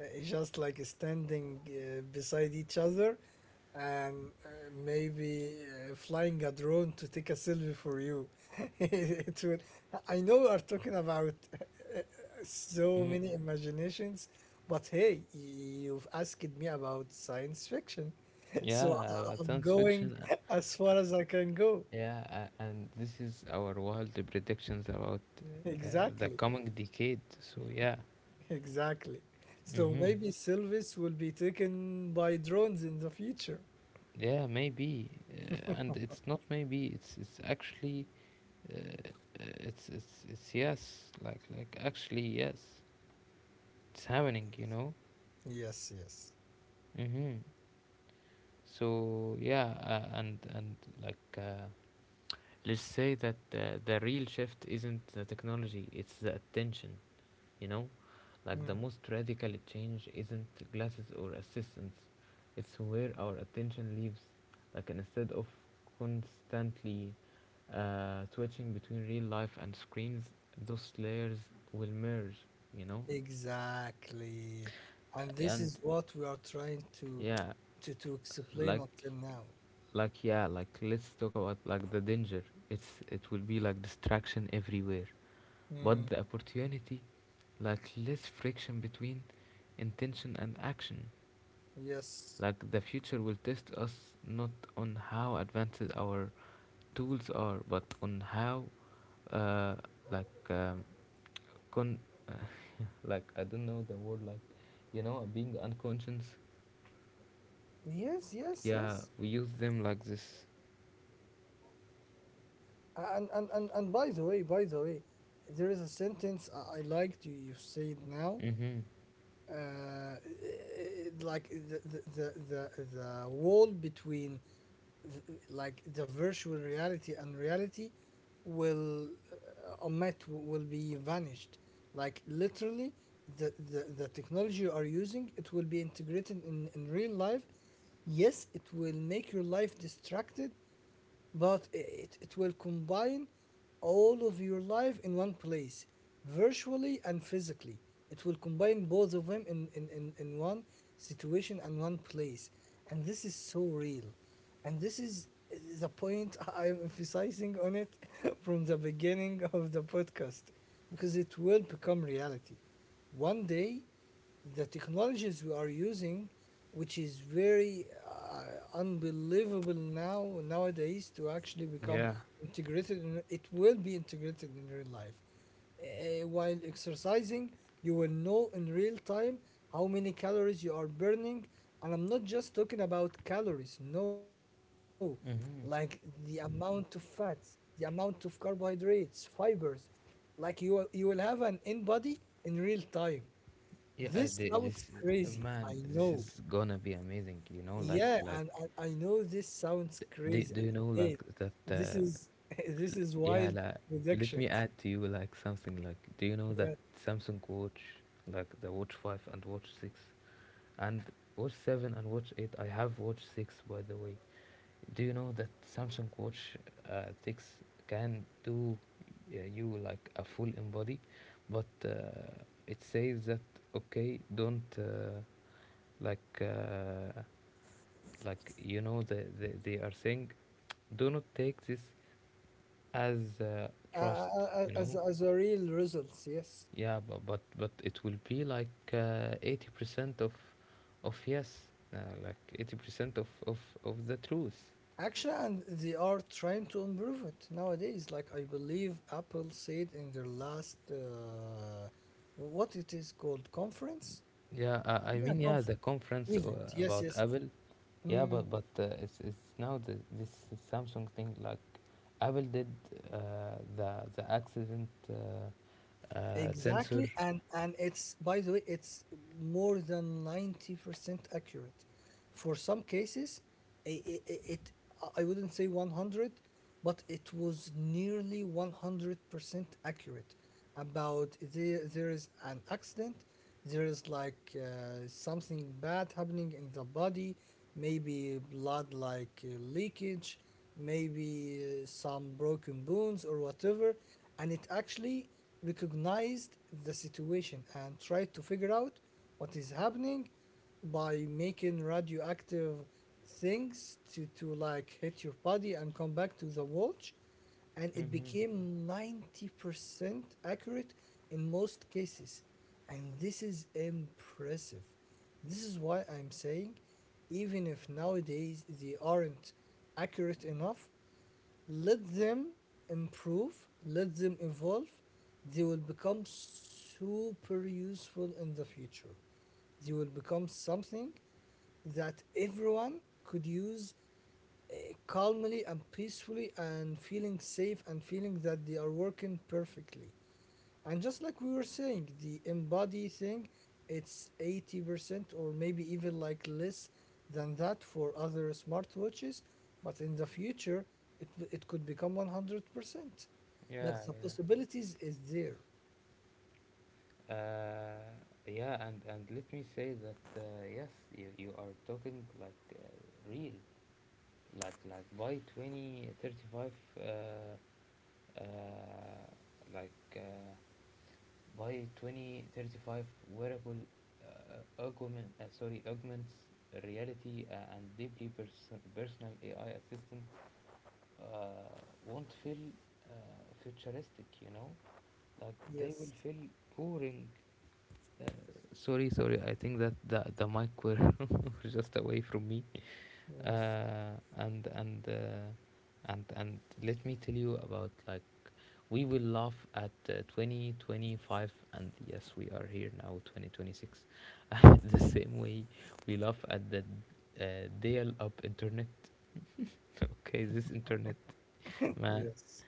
Speaker 2: uh, just like standing beside each other, and maybe flying a drone to take a selfie for you. It will. I know we are talking about so
Speaker 1: mm,
Speaker 2: many imaginations, but hey, you've asked me about science fiction,
Speaker 1: yeah,
Speaker 2: so I'm
Speaker 1: science
Speaker 2: going
Speaker 1: fiction.
Speaker 2: as far as I can go.
Speaker 1: Yeah, and this is our wild predictions about, uh, the
Speaker 2: Exactly.
Speaker 1: coming decade. So yeah,
Speaker 2: Exactly. So
Speaker 1: mm-hmm.
Speaker 2: maybe Silvis will be taken by drones in the future.
Speaker 1: Yeah, maybe, and it's not maybe. It's actually, uh, uh, it's yes, like actually yes, it's happening. You know.
Speaker 2: Yes, yes.
Speaker 1: Mm-hmm. So yeah, and like, let's say that, the real shift isn't the technology; it's the attention. You know. Like the
Speaker 2: Mm.
Speaker 1: most radical change isn't glasses or assistance, it's where our attention lives. Like instead of constantly, switching between real life and screens, those layers will merge, you know?
Speaker 2: Exactly. And this
Speaker 1: And
Speaker 2: is what we are trying to
Speaker 1: yeah,
Speaker 2: to explain
Speaker 1: like
Speaker 2: until now.
Speaker 1: like yeah, like let's talk about like the danger. It will be like distraction everywhere. But
Speaker 2: Mm.
Speaker 1: the opportunity, like less friction between intention and action.
Speaker 2: Yes.
Speaker 1: Like the future will test us not on how advanced our tools are, but on how, uh, like con like I don't know the word, like you know, being unconscious.
Speaker 2: Yes, yes,
Speaker 1: Yeah,
Speaker 2: yes.
Speaker 1: we use them like this.
Speaker 2: And by the way, there is a sentence I liked you said now.
Speaker 1: Mhm.
Speaker 2: uh, like the wall between like the virtual reality and reality will omet will be vanished. Like literally, the technology you are using, it will be integrated in real life. Yes, it will make your life distracted, but it will combine all of your life in one place, virtually and physically. It will combine both of them in, in one situation and one place. And this is so real. And this is the point I'm emphasizing on it from the beginning of the podcast because it will become reality. One day, the technologies we are using, which is very unbelievable now nowadays to actually become
Speaker 1: Yeah.
Speaker 2: integrated, it will be integrated in real life. While exercising, you will know in real time how many calories you are burning, and I'm not just talking about calories. No, like the
Speaker 1: Mhm.
Speaker 2: amount of fats, the amount of carbohydrates, fibers. Like you will have an in body in real time.
Speaker 1: Yeah.
Speaker 2: This sounds
Speaker 1: This,
Speaker 2: crazy. I
Speaker 1: man, this
Speaker 2: know.
Speaker 1: is gonna be amazing. You know, like
Speaker 2: Yeah,
Speaker 1: like
Speaker 2: and I know this sounds
Speaker 1: Do,
Speaker 2: crazy.
Speaker 1: do you know like
Speaker 2: Again,
Speaker 1: that,
Speaker 2: this is this is
Speaker 1: yeah
Speaker 2: wild
Speaker 1: la, let me
Speaker 2: predictions.
Speaker 1: add to you like something, like do you know that
Speaker 2: Yeah,
Speaker 1: Samsung watch, like the watch 5 and watch 6 and watch 7 and watch 8, I have watch 6 by the way. Do you know that Samsung watch, 6 can do, you like a full embody, but, it says that okay don't, like uh, like you know the, they are saying, do not take this as,
Speaker 2: uh,
Speaker 1: trust,
Speaker 2: uh,
Speaker 1: you know.
Speaker 2: as a real results, yes.
Speaker 1: Yeah, but it will be like, 80% of yes, uh, like 80% of, the truth.
Speaker 2: Actually, and they are trying to improve it nowadays. Like I believe Apple said in their last what it is called conference.
Speaker 1: Yeah, I
Speaker 2: Yeah,
Speaker 1: mean yeah,
Speaker 2: conference
Speaker 1: the conference,
Speaker 2: event. Yes,
Speaker 1: about
Speaker 2: yes.
Speaker 1: Apple. Yeah, but, it's now the, this Samsung thing like Apple did, uh, the, accident,
Speaker 2: Exactly,
Speaker 1: sensor.
Speaker 2: and it's by the way, it's more than 90% accurate. For some cases, it, it, I wouldn't say 100, but it was nearly 100% accurate about there there is an accident, there is like something bad happening in the body, maybe blood like leakage, maybe some broken bones or whatever. And it actually recognized the situation and tried to figure out what is happening by making radioactive things to like hit your body and come back to the watch, and it
Speaker 1: Mm-hmm.
Speaker 2: became 90% accurate in most cases. And this is impressive. This is why I'm saying, even if nowadays they aren't accurate enough, let them improve, let them evolve. They will become super useful in the future. They will become something that everyone could use calmly and peacefully and feeling safe and feeling that they are working perfectly. And just like we were saying, the embody thing, it's 80% or maybe even like less than that for other smartwatches, but in the future, it could become 100%. Like
Speaker 1: Yeah,
Speaker 2: the
Speaker 1: yeah.
Speaker 2: possibilities is there.
Speaker 1: Uh, yeah, and let me say that, yes, you are talking like, real, like by 2035, uh, uh, like uh, by 2035, wearable, augments reality, and deeply personal AI assistant, uh, won't feel, futuristic, you know, like they will
Speaker 2: Yes,
Speaker 1: feel boring. Uh, sorry, sorry. I think that the mic were, were just away from me.
Speaker 2: yes,
Speaker 1: Uh, and and uh, and let me tell you about like we will laugh at, 2025, and yes we are here now 2026 the same way we laugh at the, dial up internet okay this internet, man.
Speaker 2: yes.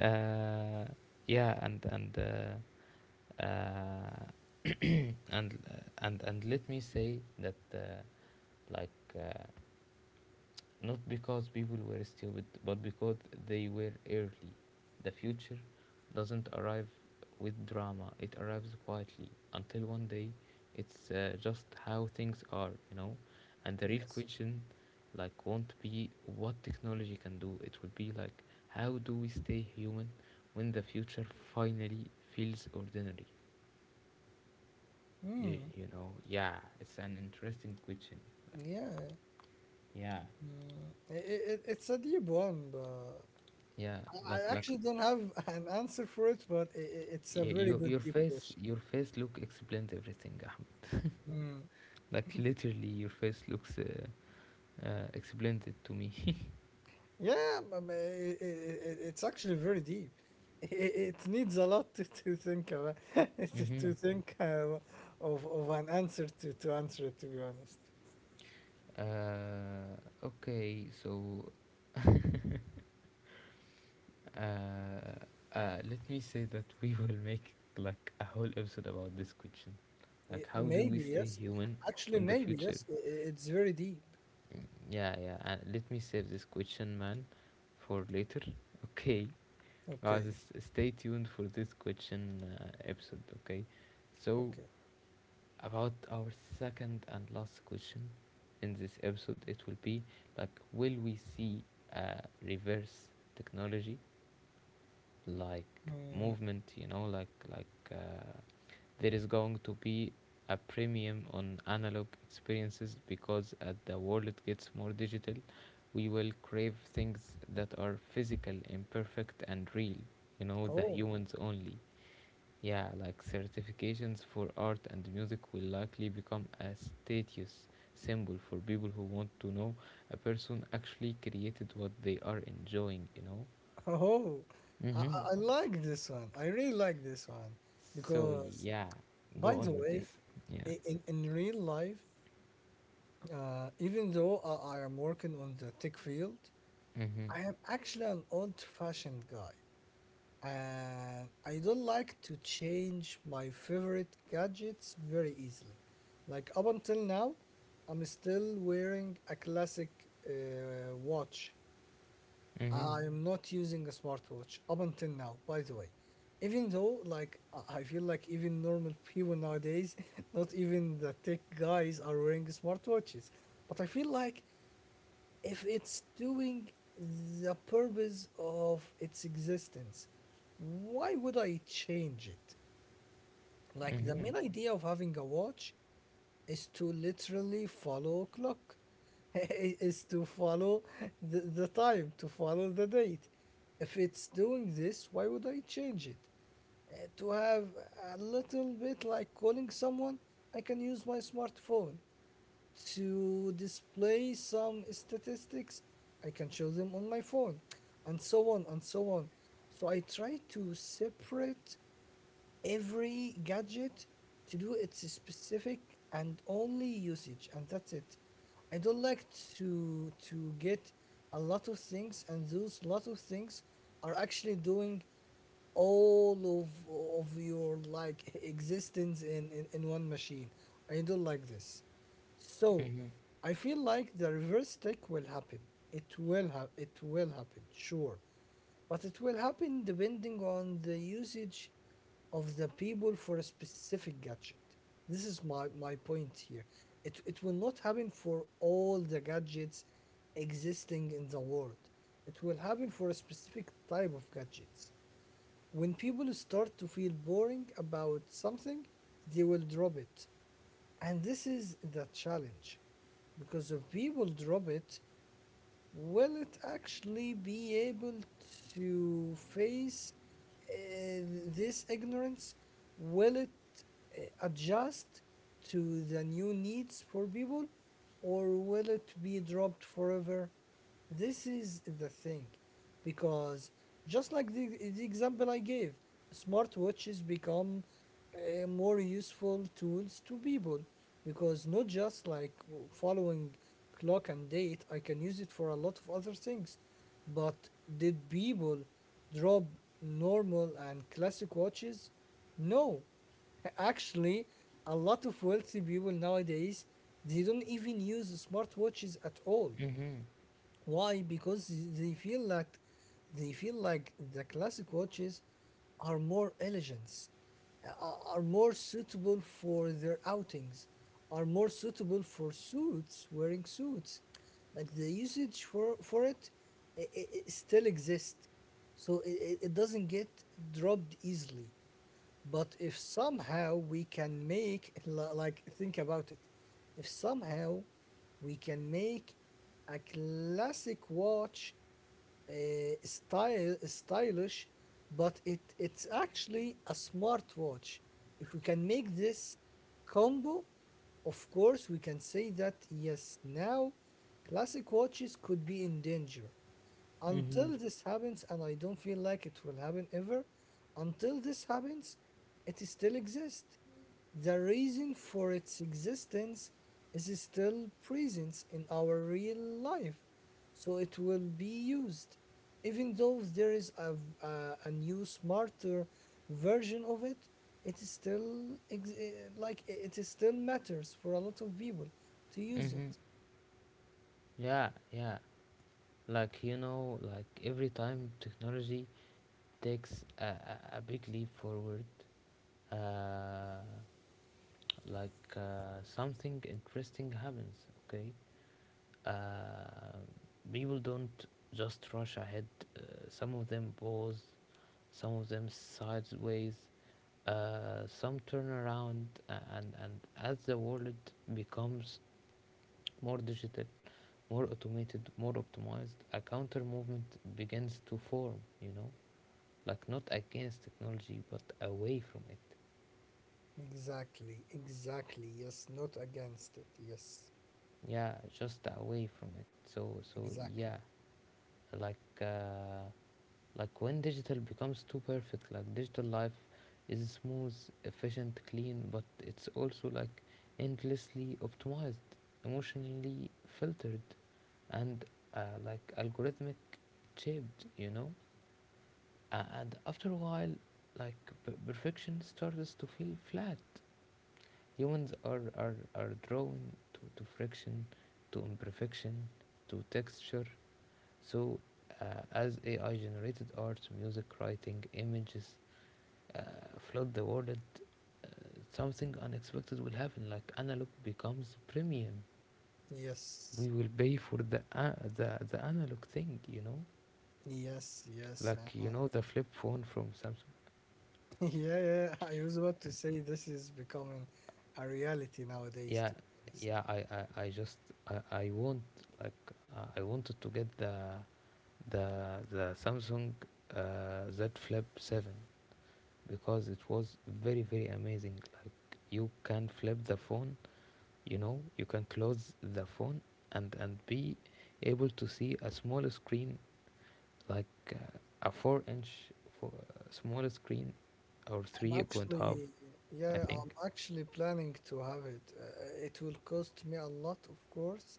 Speaker 1: Uh, yeah, and and and let me say that, like uh, not because people were stupid, but because they were early. The future doesn't arrive with drama, it arrives quietly until one day it's, just how things are, you know. And the real
Speaker 2: Yes.
Speaker 1: question, like, won't be what technology can do, it will be like, how do we stay human when the future finally feels ordinary? You,
Speaker 2: Mm,
Speaker 1: you know, yeah, it's an interesting question.
Speaker 2: yeah.
Speaker 1: Yeah,
Speaker 2: Mm. It's a deep one, but
Speaker 1: yeah,
Speaker 2: I
Speaker 1: like
Speaker 2: actually don't have an answer for it, but it's a
Speaker 1: yeah,
Speaker 2: very
Speaker 1: your
Speaker 2: good
Speaker 1: your
Speaker 2: deep
Speaker 1: face
Speaker 2: question.
Speaker 1: your face look explains everything, Ahmed.
Speaker 2: Mm.
Speaker 1: Like literally your face looks, explains it to me.
Speaker 2: Yeah, but it's actually very deep. It needs a lot to think about,
Speaker 1: Mm-hmm.
Speaker 2: to think of an answer to answer it. To be honest,
Speaker 1: Uh, okay so, uh, let me say that we will make like a whole episode about this question, like how do we
Speaker 2: Maybe
Speaker 1: stay
Speaker 2: yes.
Speaker 1: human
Speaker 2: Actually,
Speaker 1: when the
Speaker 2: maybe
Speaker 1: future.
Speaker 2: yes. It's very deep.
Speaker 1: Mm, yeah, yeah, let me save this question, man, for later, okay.
Speaker 2: Okay,
Speaker 1: Guys, stay tuned for this question, episode, okay? So,
Speaker 2: okay.
Speaker 1: about our second and last question in this episode, it will be like, will we see, reverse technology, like
Speaker 2: Mm.
Speaker 1: movement, you know, like, there is going to be a premium on analog experiences, because as the world gets more digital, we will crave things that are physical, imperfect, and real. You know, the
Speaker 2: Oh,
Speaker 1: humans only. Yeah, like certifications for art and music will likely become a status symbol for people who want to know a person actually created what they are enjoying, you know?
Speaker 2: oh.
Speaker 1: Mm-hmm.
Speaker 2: I like this one. I really like this one
Speaker 1: So,
Speaker 2: because,
Speaker 1: yeah,
Speaker 2: by
Speaker 1: go
Speaker 2: the
Speaker 1: on with
Speaker 2: way,
Speaker 1: this. Yeah.
Speaker 2: in real life, even though I am working on the tech field,
Speaker 1: Mm-hmm.
Speaker 2: I am actually an old fashioned guy. And I don't like to change my favorite gadgets very easily. Like up until now, I'm still wearing a classic watch.
Speaker 1: Mm-hmm.
Speaker 2: I am not using a smartwatch up until now, by the way. Even though, like, I feel like even normal people nowadays, not even the tech guys are wearing smartwatches. But I feel like if it's doing the purpose of its existence, why would I change it? Like, the
Speaker 1: Mm-hmm.
Speaker 2: main idea of having a watch is to literally follow clock, is to follow the time, to follow the date. If it's doing this, why would I change it? To have a little bit like calling someone, I can use my smartphone to display some statistics, I can show them on my phone, and so on and so on. So I try to separate every gadget to do its specific and only usage, and that's it. I don't like to get a lot of things, and those lot of things are actually doing all of your like existence in in one machine. I don't like this. So
Speaker 1: Mm-hmm.
Speaker 2: I feel like the reverse tech will happen. It will happen, sure, but it will happen depending on the usage of the people for a specific gadget. This is my, my point here. It will not happen for all the gadgets existing in the world. It will happen for a specific type of gadgets. When people start to feel boring about something, they will drop it. And this is the challenge, because if people drop it, will it actually be able to face uh, this ignorance? Will it adjust to the new needs for people, or will it be dropped forever? This is the thing, because just like the example I gave, smartwatches become more useful tools to people because not just like following clock and date, I can use it for a lot of other things. But did people drop normal and classic watches? No. Actually, a lot of wealthy people nowadays, they don't even use smartwatches at all.
Speaker 1: Mm-hmm.
Speaker 2: Why? Because they feel like they feel like the classic watches are more elegant, are more suitable for their outings, are more suitable for suits, wearing suits. Like the usage for it, it still exists, so it it doesn't get dropped easily. But if somehow we can make, like, think about it, if somehow we can make a classic watch uh, style stylish, but it's actually a smart watch. If we can make this combo, of course, we can say that yes, now classic watches could be in danger.
Speaker 1: Mm-hmm.
Speaker 2: Until this happens, and I don't feel like it will happen ever, until this happens, it still exists. The reason for its existence is still present in our real life, so it will be used, even though there is a, a new smarter version of it. It is still it is still matters for a lot of people to use
Speaker 1: Mm-hmm.
Speaker 2: it.
Speaker 1: Yeah, yeah. Like you know, like every time technology takes a, big leap forward, uh, like, something interesting happens, okay. uh, People don't just rush ahead, uh, some of them pause, some of them sideways, some turn around, and as the world becomes more digital, more automated, more optimized, a counter movement begins to form, you know. Like not against technology, but away from it.
Speaker 2: Exactly, exactly. Yes, not against it. Yes.
Speaker 1: Yeah, just away from it, so so
Speaker 2: Exactly.
Speaker 1: yeah, like, like when digital becomes too perfect, like digital life is smooth, efficient, clean, but it's also like endlessly optimized, emotionally filtered, and, like algorithmic shaped, you know? And after a while, like perfection starts to feel flat. Humans are, drawn to friction, to imperfection, to texture. So, as AI generated art, music, writing, images, uh, flood the world, something unexpected will happen. Like analog becomes premium.
Speaker 2: Yes.
Speaker 1: We will pay for the, the analog thing. You know,
Speaker 2: Yes. Yes.
Speaker 1: like
Speaker 2: Uh,
Speaker 1: you know the flip phone from Samsung.
Speaker 2: yeah. Yeah. I was about to say this is becoming a reality nowadays. To
Speaker 1: Yeah,
Speaker 2: be honest,
Speaker 1: yeah. I just I want, like, I wanted to get the, the the Samsung, Z Flip Seven, because it was very very amazing. Like you can flip the phone, you know, you can close the phone and be able to see a small screen, like, a 4 inch, for, small screen or
Speaker 2: I'm
Speaker 1: three point half,
Speaker 2: actually,
Speaker 1: I
Speaker 2: yeah. I'm
Speaker 1: think.
Speaker 2: actually planning to have it. It will cost me a lot, of course,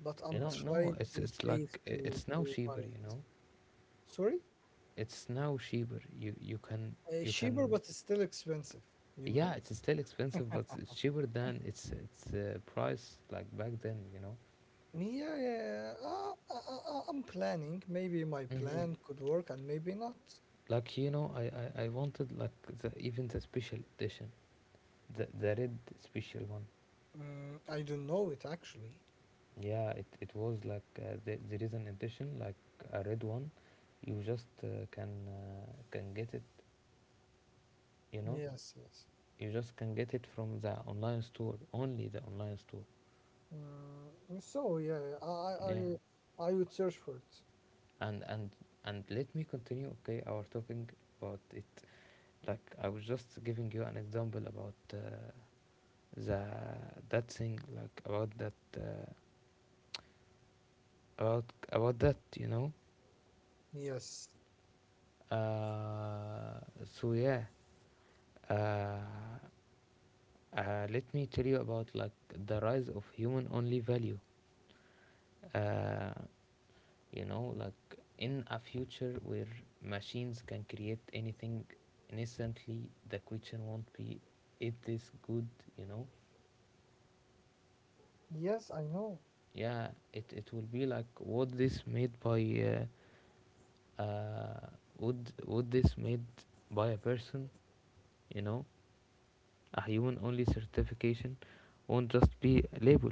Speaker 2: but I'm
Speaker 1: You know, no
Speaker 2: trying to
Speaker 1: it's,
Speaker 2: save
Speaker 1: like, it's
Speaker 2: to
Speaker 1: now
Speaker 2: buy
Speaker 1: cheaper, you
Speaker 2: it.
Speaker 1: know.
Speaker 2: Sorry.
Speaker 1: It's now cheaper, you can, you
Speaker 2: Cheaper, but
Speaker 1: can,
Speaker 2: it's still expensive. You know.
Speaker 1: yeah, it's still expensive, but it's cheaper than it's, price like back then, you know.
Speaker 2: Yeah, yeah, yeah. I'm planning. Maybe my
Speaker 1: Hmm,
Speaker 2: plan could work and maybe not.
Speaker 1: like you know, I wanted like the even the special edition, the, red special one.
Speaker 2: Mm, I don't know it actually.
Speaker 1: Yeah, it was like, there is an edition like a red one. You just, can get it. You know,
Speaker 2: Yes, yes.
Speaker 1: you just can get it from the online store, only the online store.
Speaker 2: Mm, so yeah,
Speaker 1: Yeah,
Speaker 2: I would search for it.
Speaker 1: and and let me continue. Okay, our talking about it. Like I was just giving you an example about, the, that thing, like about that, about about that. You know.
Speaker 2: Yes,
Speaker 1: Uh, so yeah. Uh, uh, let me tell you about, like, the rise of human only value. Uh, you know, like in a future where machines can create anything instantly, the question won't be, is this good? You know,
Speaker 2: yes, I know.
Speaker 1: yeah, it will be like, what this made by, uh, uh, would this made by a person? You know, a human only certification won't just be a label.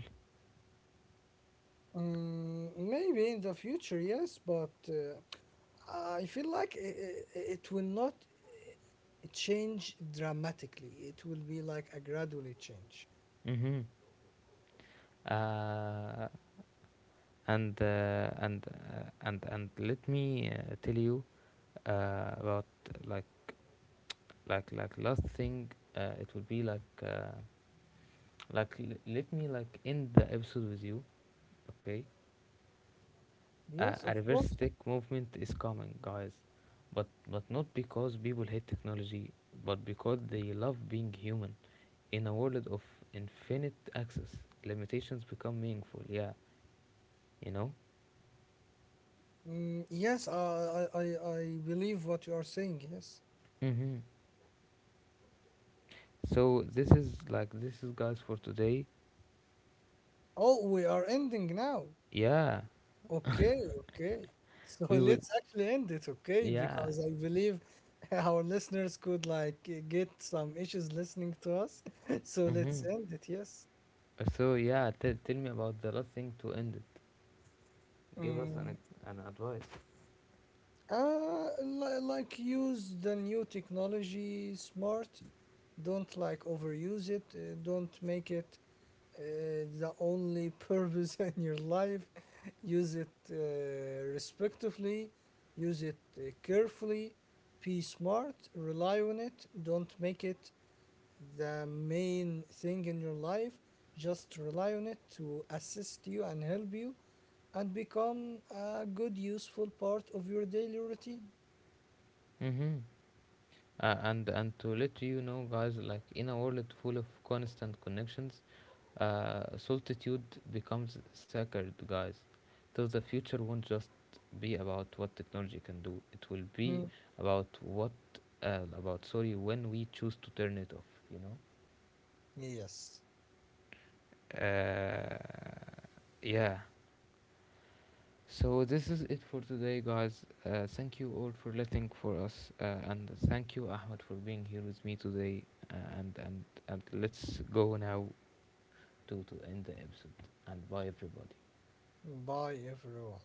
Speaker 2: Mm, maybe in the future, yes, but I feel like it will not change dramatically. It will be like a gradually change.
Speaker 1: Mm-hmm. Uh, and let me, tell you, about, like, last thing, it would be like, let me like end the episode with you, okay.
Speaker 2: Yes,
Speaker 1: A
Speaker 2: of
Speaker 1: reverse
Speaker 2: course.
Speaker 1: stick movement is coming, guys, but not because people hate technology, but because they love being human. In a world of infinite access, limitations become meaningful, yeah, you know.
Speaker 2: Mm, yes, I believe what you are saying. Yes.
Speaker 1: Hmm. So this is like, this is, guys, for today.
Speaker 2: Oh, we are ending now.
Speaker 1: Yeah,
Speaker 2: Okay, okay. So
Speaker 1: we would.
Speaker 2: let's actually end it, okay?
Speaker 1: Yeah.
Speaker 2: Because I believe our listeners could like get some issues listening to us. So
Speaker 1: Mm-hmm.
Speaker 2: let's end it, yes.
Speaker 1: So yeah, tell me about the last thing to end it. Give us an
Speaker 2: Mm.
Speaker 1: an advice.
Speaker 2: Like use the new technology smart. Don't like overuse it. Don't make it uh, the only purpose in your life. Use it respectively. Use it carefully. Be smart. Rely on it. Don't make it the main thing in your life. Just rely on it to assist you and help you and become a good, useful part of your daily routine.
Speaker 1: Mm-hmm. And to let you know, guys, like in a world full of constant connections, solitude becomes sacred, guys. So the future won't just be about what technology can do. It will be
Speaker 2: Mm.
Speaker 1: about what, about sorry when we choose to turn it off. You
Speaker 2: Yes.
Speaker 1: know. Yeah. So this is it for today, guys. Thank you all for listening for us, and thank you, Ahmed, for being here with me today. And let's go now to end the episode. And bye, everybody.
Speaker 2: Bye, everyone.